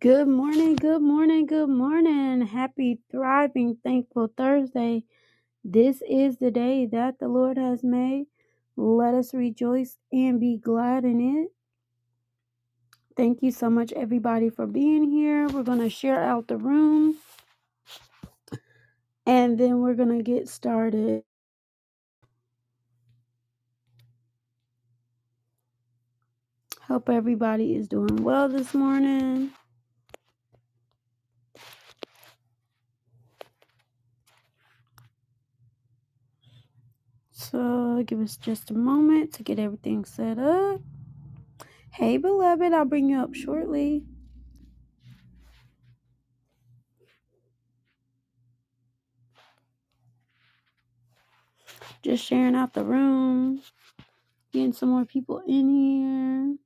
Good morning, good morning, good morning. Happy, thriving, thankful Thursday. This is the day that the Lord has made. Let us rejoice and be glad in it. Thank you so much, everybody, for being here. We're going to share out the room and then we're going to get started. Hope everybody is doing well this morning. So, give us just a moment to get everything set up. Hey, beloved, I'll bring you up shortly. Just sharing out the room. Getting some more people in here.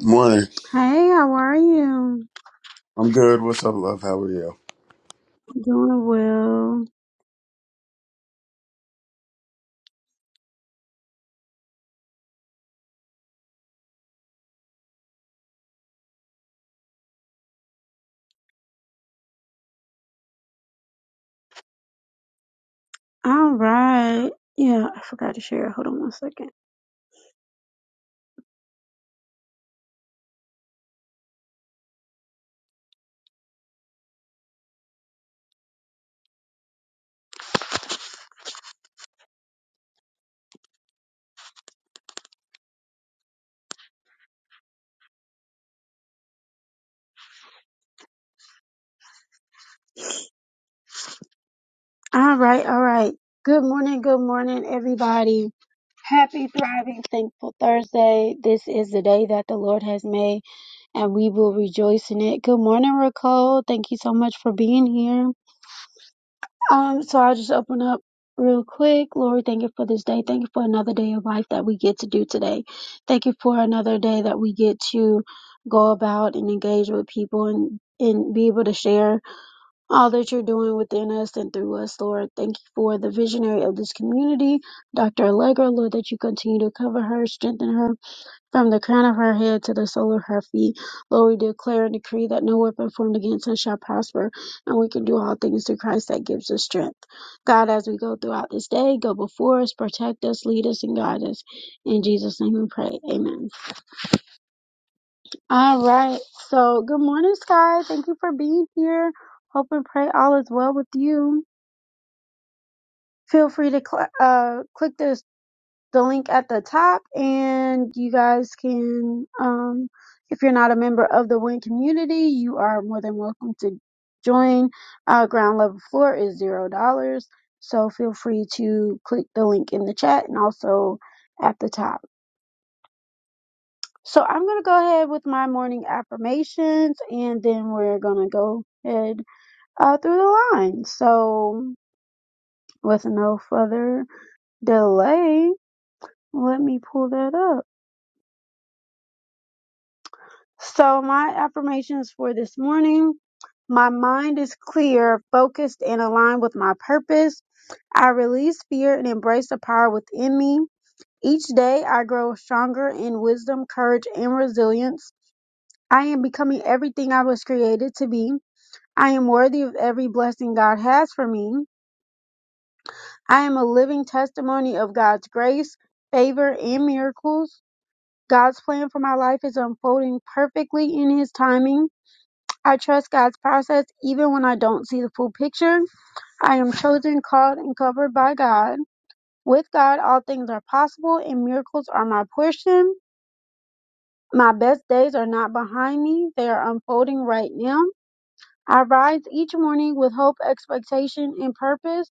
Morning. Hey, how are you? I'm good. What's up, love? How are you? Doing well. All right. Yeah, I forgot to share. Hold on one second. All right, all right. Good morning, good morning, everybody. Happy, thriving, thankful Thursday. This is the day that the Lord has made, and we will rejoice in it. Good morning, Raquel. Thank you so much for being here. Um, so I'll just open up real quick. Lord, thank you for this day. Thank you for another day of life that we get to do today. Thank you for another day that we get to go about and engage with people and and be able to share all that you're doing within us and through us, Lord. Thank you for the visionary of this community, Dr. Allegra, Lord, that you continue to cover her, strengthen her, from the crown of her head to the sole of her feet, Lord, we declare and decree that no weapon formed against us shall prosper, and we can do all things through Christ that gives us strength. God, as we go throughout this day, go before us, protect us, lead us, and guide us. In Jesus' name we pray. Amen. All right. So, good morning, Sky. Thank you for being here. Hope and pray all is well with you. Feel free to cl- uh, click this. the link at the top and you guys can um if you're not a member of the win community you are more than welcome to join uh ground level floor is zero dollars so feel free to click the link in the chat and also at the top so i'm going to go ahead with my morning affirmations and then we're going to go ahead uh, through the line so with no further delay let me pull that up So, my affirmations for this morning my mind is clear, focused, and aligned with my purpose. I release fear and embrace the power within me. Each day, I grow stronger in wisdom, courage, and resilience. I am becoming everything I was created to be. I am worthy of every blessing God has for me. I am a living testimony of God's grace, favor, and miracles. God's plan for my life is unfolding perfectly in His timing. I trust God's process even when I don't see the full picture. I am chosen, called, and covered by God. With God, all things are possible and miracles are my portion. My best days are not behind me, they are unfolding right now. I rise each morning with hope, expectation, and purpose.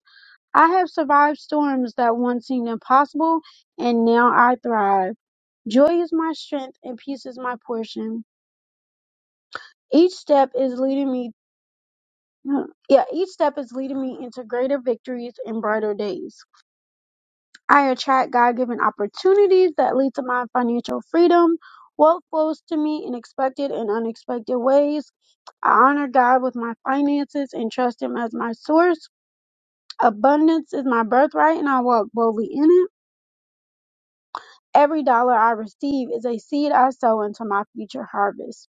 I have survived storms that once seemed impossible, and now I thrive. Joy is my strength, and peace is my portion. Each step is leading me Mm. Yeah, each step is leading me into greater victories and brighter days. I attract God given opportunities that lead to my financial freedom. Wealth flows to me in expected and unexpected ways. I honor God with my finances and trust Him as my source. Abundance is my birthright and I walk boldly in it. Every dollar I receive is a seed I sow into my future harvest.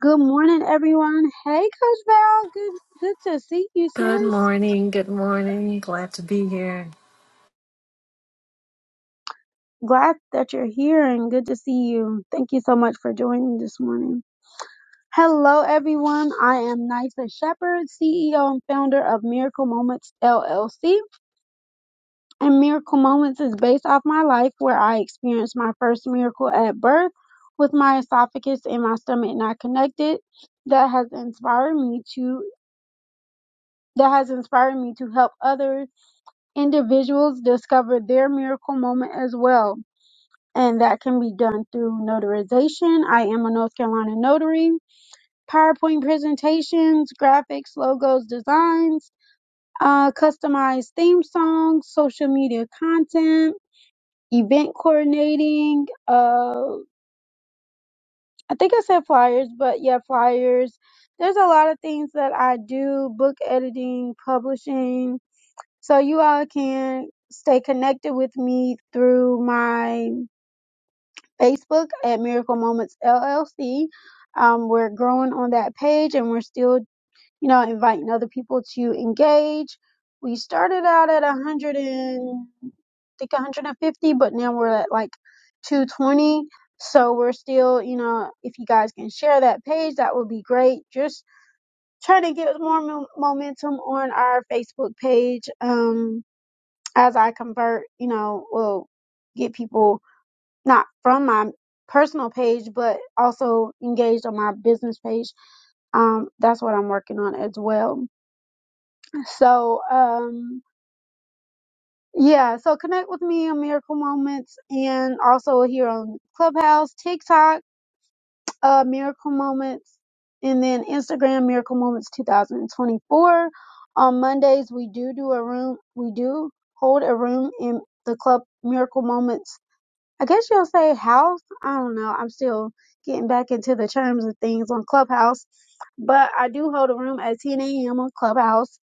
Good morning, everyone. Hey, Coach Val. Good, good to see you, Good sis. morning. Good morning. Glad to be here. Glad that you're here and good to see you. Thank you so much for joining this morning. Hello, everyone. I am Nysa Shepherd, CEO and founder of Miracle Moments LLC. And Miracle Moments is based off my life where I experienced my first miracle at birth with my esophagus and my stomach not connected. That has inspired me to that has inspired me to help other individuals discover their miracle moment as well. and that can be done through notarization. I am a North Carolina notary. PowerPoint presentations, graphics, logos, designs, uh, customized theme songs, social media content, event coordinating. Uh, I think I said flyers, but yeah, flyers. There's a lot of things that I do: book editing, publishing. So you all can stay connected with me through my Facebook at Miracle Moments LLC. Um, we're growing on that page and we're still, you know, inviting other people to engage. We started out at 100 and I think 150, but now we're at like 220. So we're still, you know, if you guys can share that page, that would be great. Just trying to get more mo- momentum on our Facebook page um, as I convert, you know, we'll get people not from my personal page, but also engaged on my business page. Um, that's what I'm working on as well. So, um, yeah, so connect with me on Miracle Moments and also here on Clubhouse, TikTok, uh, Miracle Moments, and then Instagram, Miracle Moments 2024. On Mondays, we do do a room, we do hold a room in the club Miracle Moments I guess you'll say house. I don't know. I'm still getting back into the terms of things on Clubhouse, but I do hold a room at 10 a.m. on Clubhouse,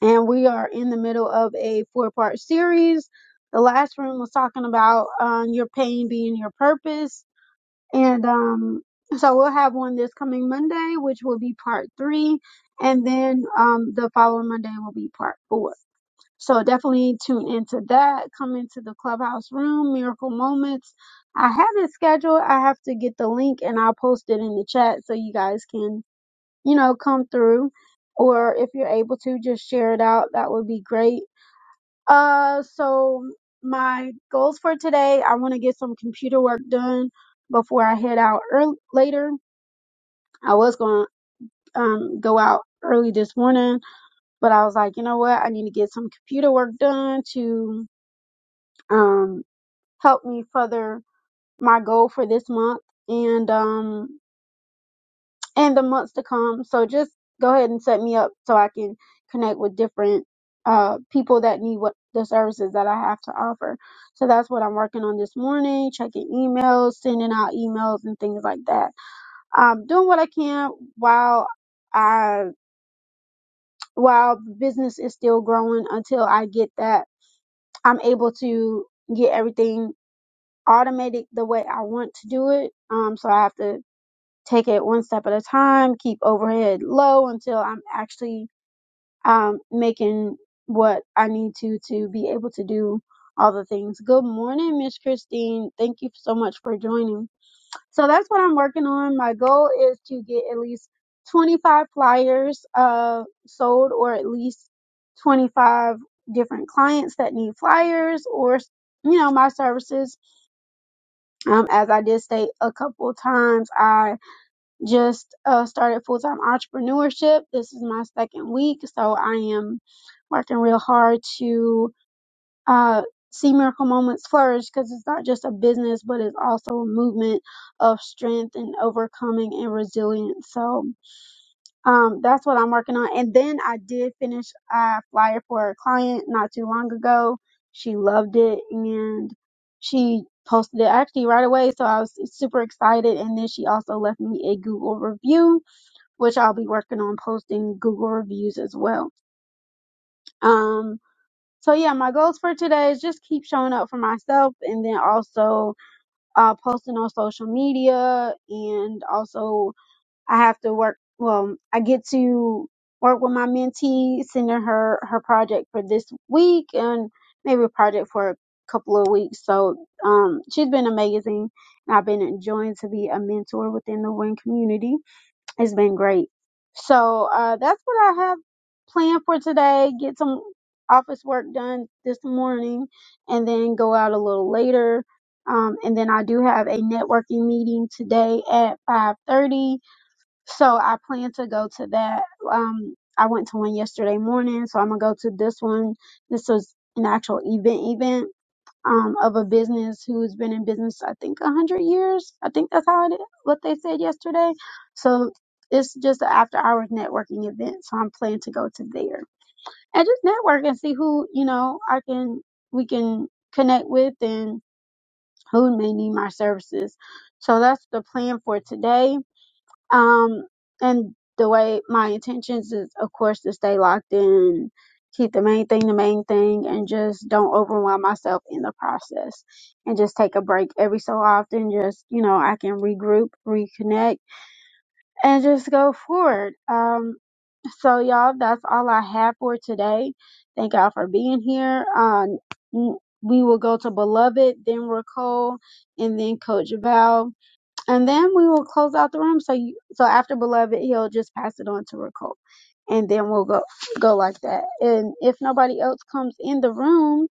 and we are in the middle of a four part series. The last room was talking about um, your pain being your purpose, and um, so we'll have one this coming Monday, which will be part three, and then um, the following Monday will be part four. So definitely tune into that. Come into the clubhouse room, miracle moments. I have it scheduled. I have to get the link and I'll post it in the chat so you guys can, you know, come through. Or if you're able to, just share it out. That would be great. Uh, so my goals for today, I want to get some computer work done before I head out early, later. I was going to um, go out early this morning, but I was like, you know what? I need to get some computer work done to, um, help me further my goal for this month and um and the months to come. So just go ahead and set me up so I can connect with different uh people that need what the services that I have to offer. So that's what I'm working on this morning, checking emails, sending out emails and things like that. Um doing what I can while I while business is still growing until I get that I'm able to get everything automate it the way I want to do it. Um, so I have to take it one step at a time, keep overhead low until I'm actually um, making what I need to to be able to do all the things. Good morning, Miss Christine. Thank you so much for joining. So that's what I'm working on. My goal is to get at least 25 flyers uh, sold or at least 25 different clients that need flyers or you know my services um, as I did state a couple of times, I just uh, started full time entrepreneurship. This is my second week, so I am working real hard to uh, see Miracle Moments flourish because it's not just a business, but it's also a movement of strength and overcoming and resilience. So, um, that's what I'm working on. And then I did finish a flyer for a client not too long ago. She loved it and she posted it actually right away. So I was super excited. And then she also left me a Google review, which I'll be working on posting Google reviews as well. Um, so yeah, my goals for today is just keep showing up for myself and then also uh, posting on social media and also I have to work. Well, I get to work with my mentee, sending her her project for this week and maybe a project for a couple of weeks. So um, she's been amazing, and I've been enjoying to be a mentor within the Win community. It's been great. So uh, that's what I have planned for today. Get some office work done this morning, and then go out a little later. Um, and then I do have a networking meeting today at five thirty so I plan to go to that. Um, I went to one yesterday morning, so I'm gonna go to this one. This was an actual event event um of a business who's been in business I think a hundred years. I think that's how it is, what they said yesterday. So it's just an after hours networking event. So I'm planning to go to there and just network and see who you know I can we can connect with and who may need my services. So that's the plan for today um, and the way my intentions is, of course, to stay locked in, keep the main thing the main thing, and just don't overwhelm myself in the process. And just take a break every so often. Just, you know, I can regroup, reconnect, and just go forward. Um, so y'all, that's all I have for today. Thank y'all for being here. Uh, n- we will go to Beloved, then Recall, and then Coach Val and then we will close out the room. So you, so after beloved, he'll just pass it on to Ricole, and then we'll go go like that. And if nobody else comes in the room,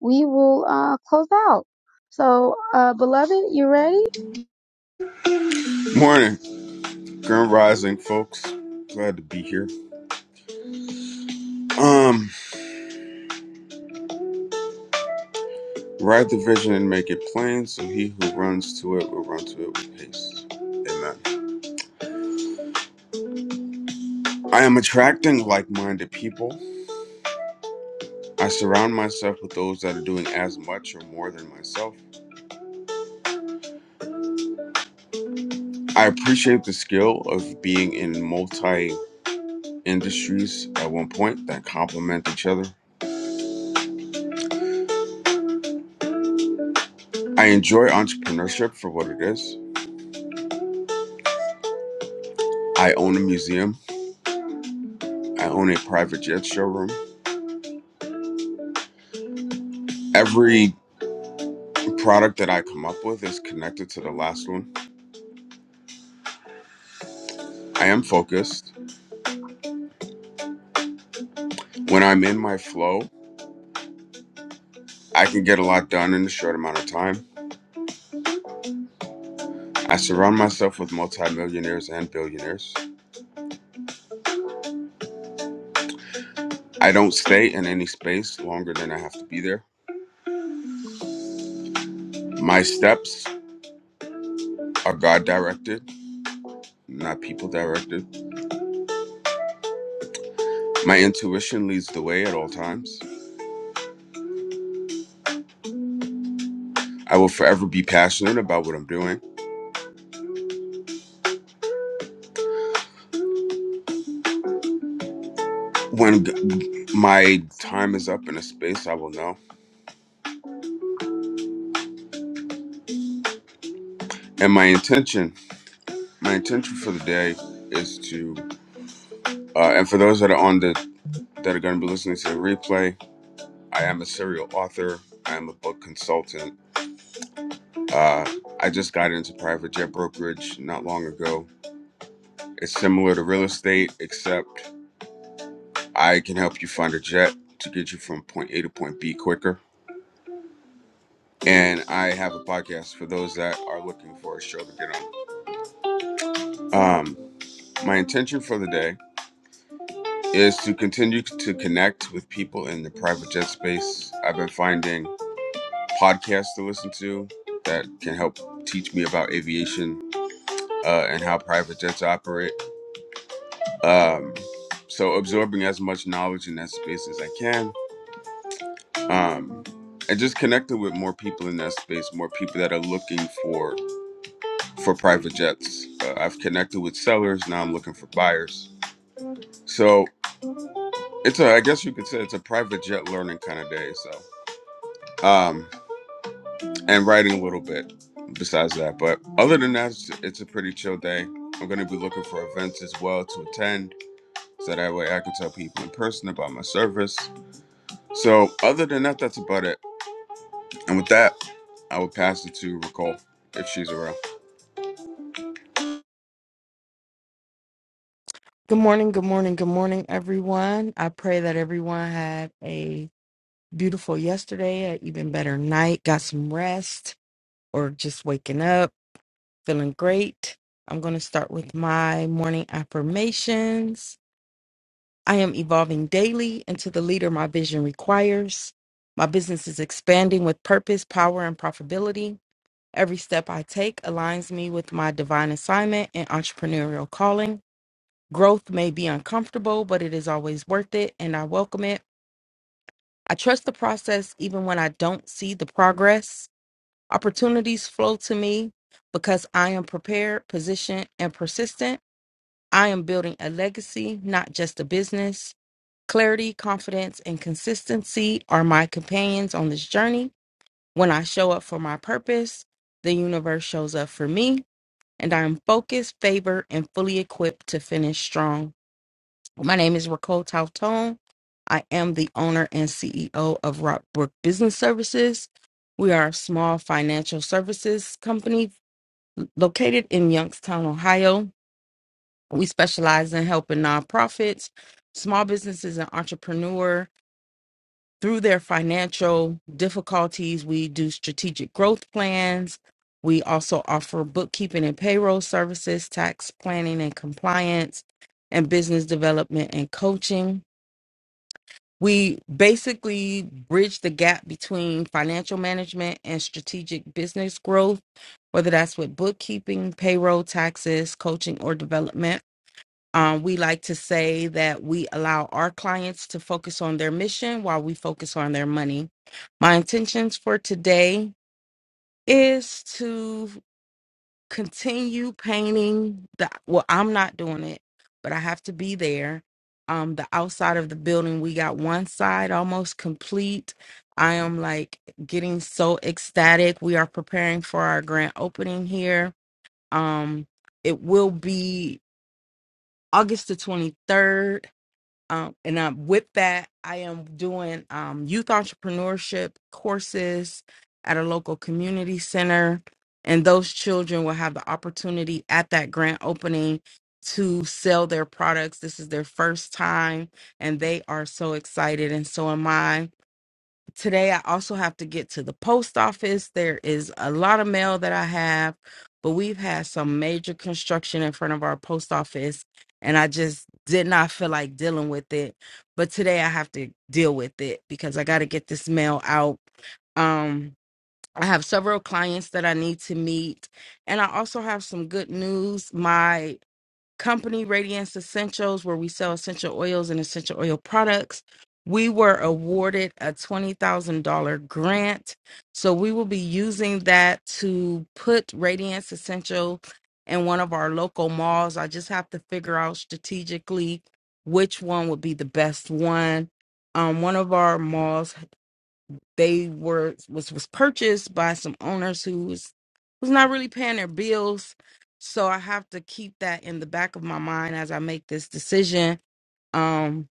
we will uh close out. So uh beloved, you ready? Morning. Grand rising, folks. Glad to be here. Um, ride the vision and make it plain, so he who runs to it will run to it with haste. Amen. I am attracting like minded people. I surround myself with those that are doing as much or more than myself. I appreciate the skill of being in multi industries at one point that complement each other. I enjoy entrepreneurship for what it is. I own a museum I own a private jet showroom. Every product that I come up with is connected to the last one. I am focused. When I'm in my flow, I can get a lot done in a short amount of time. I surround myself with multimillionaires and billionaires. I don't stay in any space longer than I have to be there. My steps are God directed, not people directed. My intuition leads the way at all times. I will forever be passionate about what I'm doing. When my time is up in a space, I will know. And my intention, my intention for the day is to, uh, and for those that are on the that are going to be listening to the replay, I am a serial author. I am a book consultant. Uh, I just got into private jet brokerage not long ago. It's similar to real estate, except I can help you find a jet to get you from point A to point B quicker. And I have a podcast for those that are looking for a show to get on. Um, my intention for the day is to continue to connect with people in the private jet space. I've been finding podcasts to listen to that can help teach me about aviation uh, and how private jets operate. Um, so, absorbing as much knowledge in that space as I can. Um, and just connecting with more people in that space, more people that are looking for for private jets. Uh, I've connected with sellers, now I'm looking for buyers. So it's a, I guess you could say it's a private jet learning kind of day. So, um, and writing a little bit besides that. But other than that, it's, it's a pretty chill day. I'm going to be looking for events as well to attend so that way I can tell people in person about my service. So, other than that, that's about it. And with that, I will pass it to Nicole if she's around. Good morning, good morning, good morning, everyone. I pray that everyone had a beautiful yesterday, an even better night, got some rest, or just waking up, feeling great. I'm going to start with my morning affirmations. I am evolving daily into the leader my vision requires. My business is expanding with purpose, power, and profitability. Every step I take aligns me with my divine assignment and entrepreneurial calling. Growth may be uncomfortable, but it is always worth it, and I welcome it. I trust the process even when I don't see the progress. Opportunities flow to me because I am prepared, positioned, and persistent. I am building a legacy, not just a business. Clarity, confidence, and consistency are my companions on this journey. When I show up for my purpose, the universe shows up for me, and I am focused, favored, and fully equipped to finish strong. Well, My name is Raquel Tautone. I am the owner and CEO of Rockbrook Business Services. We are a small financial services company located in Youngstown, Ohio. We specialize in helping nonprofits, small businesses, and entrepreneurs through their financial difficulties. We do strategic growth plans. We also offer bookkeeping and payroll services, tax planning and compliance, and business development and coaching. We basically bridge the gap between financial management and strategic business growth, whether that's with bookkeeping, payroll, taxes, coaching, or development. Um, we like to say that we allow our clients to focus on their mission while we focus on their money. My intentions for today is to continue painting the well i'm not doing it but i have to be there um the outside of the building we got one side almost complete i am like getting so ecstatic we are preparing for our grand opening here um it will be august the 23rd um, and um, with that, I am doing um, youth entrepreneurship courses at a local community center, and those children will have the opportunity at that grant opening to sell their products. This is their first time, and they are so excited, and so am I today I also have to get to the post office. There is a lot of mail that I have, but we've had some major construction in front of our post office and I just did not feel like dealing with it. But today I have to deal with it because I got to get this mail out. Um I have several clients that I need to meet and I also have some good news. My company Radiance Essentials, where we sell essential oils and essential oil products. We were awarded a $20,000 grant. So we will be using that to put Radiance Essential in one of our local malls. I just have to figure out strategically which one would be the best one. Um, one of our malls they were was was purchased by some owners who was was not really paying their bills. So I have to keep that in the back of my mind as I make this decision. Um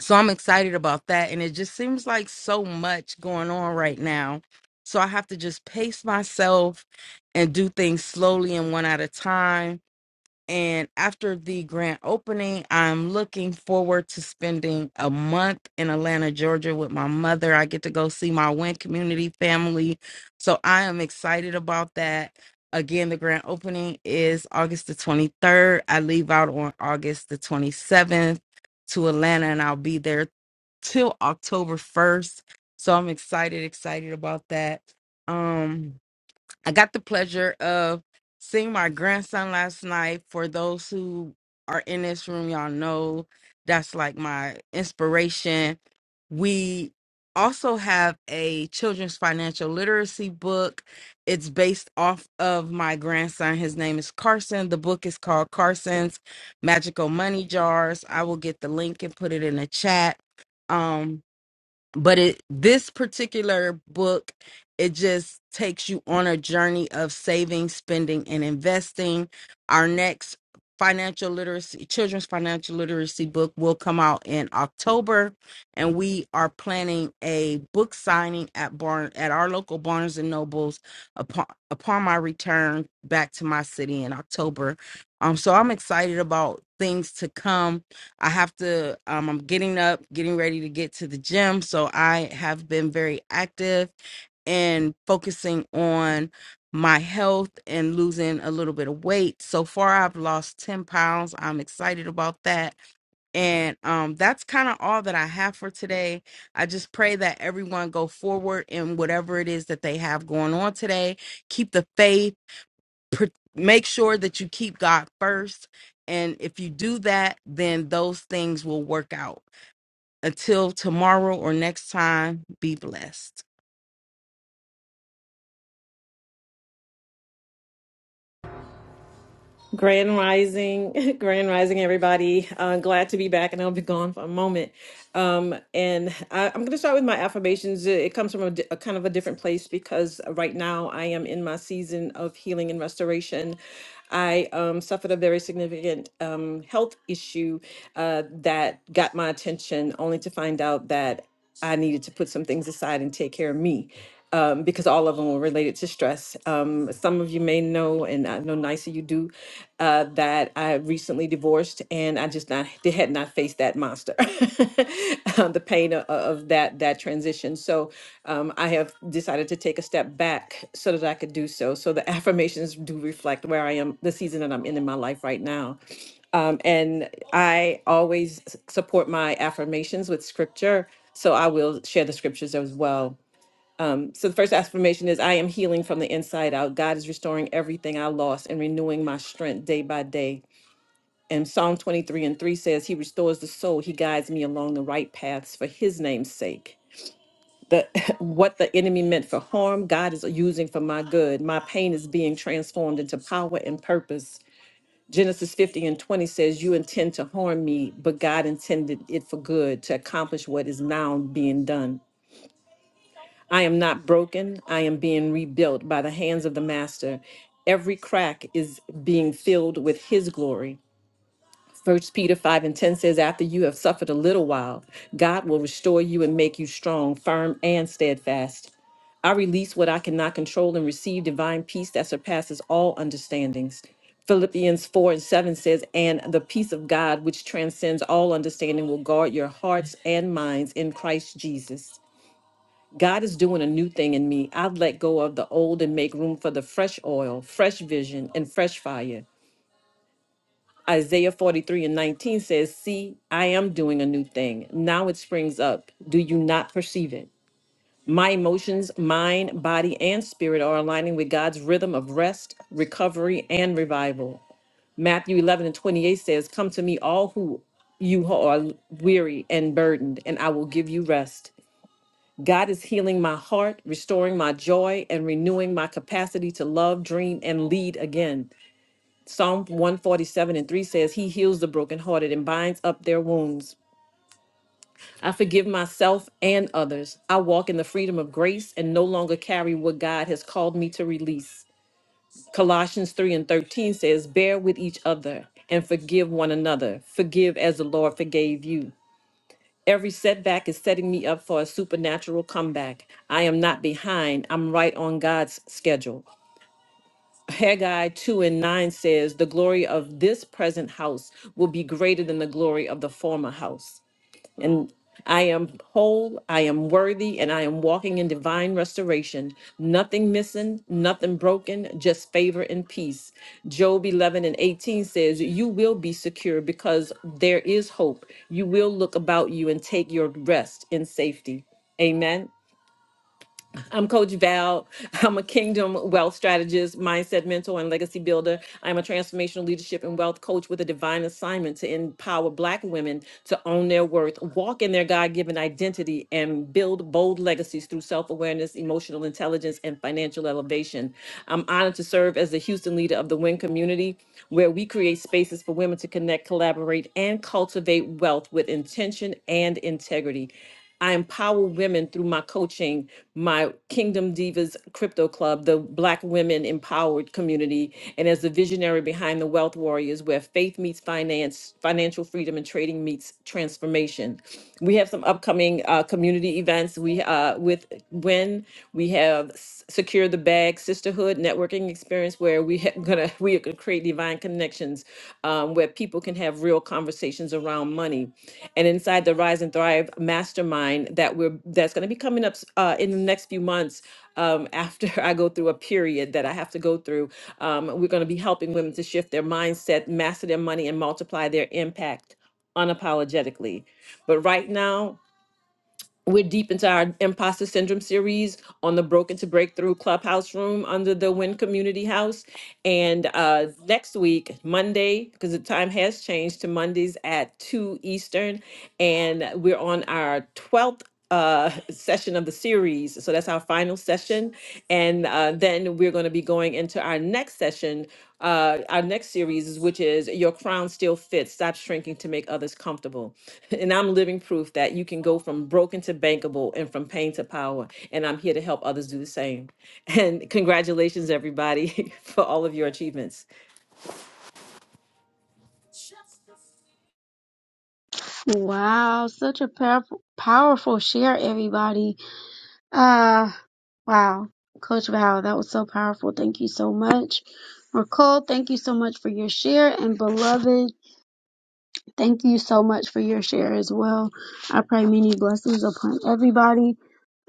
so I'm excited about that and it just seems like so much going on right now. So I have to just pace myself and do things slowly and one at a time and after the grand opening, I'm looking forward to spending a month in Atlanta, Georgia with my mother. I get to go see my Wynn community family. So I am excited about that. Again, the grand opening is August the 23rd. I leave out on August the 27th to Atlanta, and I'll be there till October 1st. So I'm excited, excited about that. Um, I got the pleasure of seeing my grandson last night. For those who are in this room, y'all know that's like my inspiration. We also have a children's financial literacy book. It's based off of my grandson. His name is Carson. The book is called Carson's Magical Money Jars. I will get the link and put it in the chat. Um, but it this particular book it just takes you on a journey of saving spending and investing our next financial literacy children's financial literacy book will come out in october and we are planning a book signing at barn at our local barnes and nobles upon upon my return back to my city in october um so i'm excited about things to come I have to, um, I'm getting up, getting ready to get to the gym. So I have been very active and focusing on my health and losing a little bit of weight. So far, I've lost 10 pounds. I'm excited about that. And um, that's kind of all that I have for today. I just pray that everyone go forward in whatever it is that they have going on today. Keep the faith pr- make sure that you keep God first. And if you do that, then those things will work out. Until tomorrow or next time, be blessed. Grand Rising, Grand Rising, everybody. Uh, glad to be back, and I'll be gone for a moment. Um, and I, I'm going to start with my affirmations. It it comes from a, di- a kind of a different place because right now I am in my season of healing and restoration. I um, suffered a very significant um, health issue uh, that got my attention, only to find out that. I needed to put some things aside and take care of me um, because all of them were related to stress. Um, some of you may know, and I know nicer you do, uh, that I recently divorced and I just not they had not faced that monster, um, the pain of, of that that transition. So um, I have decided to take a step back so that I could do so. So the affirmations do reflect where I am, the season that I'm in in my life right now. Um, and I always s- support my affirmations with scripture. So I will share the scriptures as well. Um, so the first affirmation is I am healing from the inside out. God is restoring everything I lost and renewing my strength day by day. And Psalm 23 and 3 says, He restores the soul. He guides me along the right paths for his name's sake. The, what the enemy meant for harm, God is using for my good. My pain is being transformed into power and purpose. Genesis 50 and 20 says, You intend to harm me, but God intended it for good to accomplish what is now being done. I am not broken. I am being rebuilt by the hands of the Master. Every crack is being filled with His glory. First Peter 5 and 10 says, After you have suffered a little while, God will restore you and make you strong, firm, and steadfast. I release what I cannot control and receive divine peace that surpasses all understandings. Philippians 4 and 7 says, And the peace of God, which transcends all understanding, will guard your hearts and minds in Christ Jesus. God is doing a new thing in me. I've let go of the old and make room for the fresh oil, fresh vision, and fresh fire. Isaiah 43 and 19 says, See, I am doing a new thing. Now it springs up. Do you not perceive it? My emotions, mind, body, and spirit are aligning with God's rhythm of rest, recovery, and revival. Matthew 11 and 28 says, Come to me, all who you who are weary and burdened, and I will give you rest. God is healing my heart, restoring my joy, and renewing my capacity to love, dream, and lead again. Psalm 147 and 3 says, He heals the brokenhearted and binds up their wounds. I forgive myself and others. I walk in the freedom of grace and no longer carry what God has called me to release. Colossians 3 and 13 says, Bear with each other and forgive one another. Forgive as the Lord forgave you. Every setback is setting me up for a supernatural comeback. I am not behind, I'm right on God's schedule. Haggai 2 and 9 says, The glory of this present house will be greater than the glory of the former house. And I am whole, I am worthy, and I am walking in divine restoration. Nothing missing, nothing broken, just favor and peace. Job 11 and 18 says, You will be secure because there is hope. You will look about you and take your rest in safety. Amen. I'm Coach Val. I'm a kingdom wealth strategist, mindset mentor, and legacy builder. I'm a transformational leadership and wealth coach with a divine assignment to empower Black women to own their worth, walk in their God given identity, and build bold legacies through self awareness, emotional intelligence, and financial elevation. I'm honored to serve as the Houston leader of the WIN community, where we create spaces for women to connect, collaborate, and cultivate wealth with intention and integrity. I empower women through my coaching, my Kingdom Divas Crypto Club, the Black Women Empowered community, and as the visionary behind the Wealth Warriors, where faith meets finance, financial freedom, and trading meets transformation. We have some upcoming uh, community events. We uh, with when we have S- Secure the Bag Sisterhood Networking Experience, where we ha- gonna we are gonna create divine connections, um, where people can have real conversations around money and inside the Rise and Thrive Mastermind that we're that's going to be coming up uh, in the next few months. Um, after I go through a period that I have to go through, um, we're going to be helping women to shift their mindset, master their money, and multiply their impact unapologetically. But right now, we're deep into our imposter syndrome series on the broken to breakthrough clubhouse room under the win community house and uh next week monday because the time has changed to mondays at 2 eastern and we're on our 12th uh session of the series so that's our final session and uh then we're going to be going into our next session uh, our next series, is- which is Your Crown Still Fits Stop Shrinking to Make Others Comfortable. And I'm living proof that you can go from broken to bankable and from pain to power. And I'm here to help others do the same. And congratulations, everybody, for all of your achievements. Wow, such a powerful powerful share, everybody. Uh wow, Coach Val, that was so powerful. Thank you so much, Ricole. Thank you so much for your share, and beloved. Thank you so much for your share as well. I pray many blessings upon everybody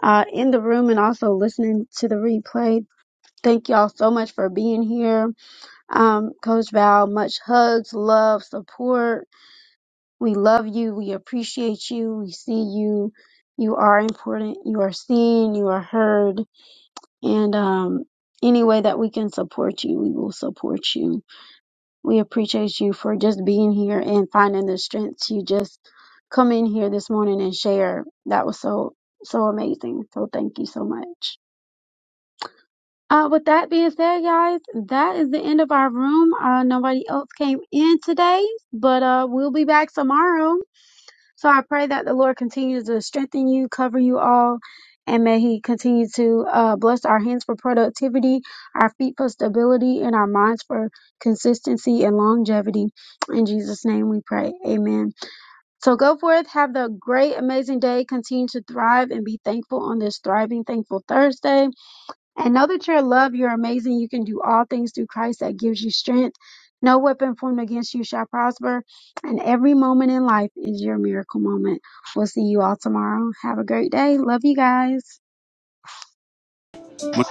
uh, in the room and also listening to the replay. Thank y'all so much for being here. Um, Coach Val, much hugs, love, support. We love you. We appreciate you. We see you. You are important. You are seen. You are heard. And um, any way that we can support you, we will support you. We appreciate you for just being here and finding the strength to just come in here this morning and share. That was so, so amazing. So thank you so much. Uh, with that being said, guys, that is the end of our room. Uh, nobody else came in today, but uh, we'll be back tomorrow. So I pray that the Lord continues to strengthen you, cover you all, and may He continue to uh, bless our hands for productivity, our feet for stability, and our minds for consistency and longevity. In Jesus' name we pray. Amen. So go forth, have the great, amazing day. Continue to thrive and be thankful on this Thriving Thankful Thursday. And know that your love, you're amazing. You can do all things through Christ that gives you strength. No weapon formed against you shall prosper. And every moment in life is your miracle moment. We'll see you all tomorrow. Have a great day. Love you guys. Much love.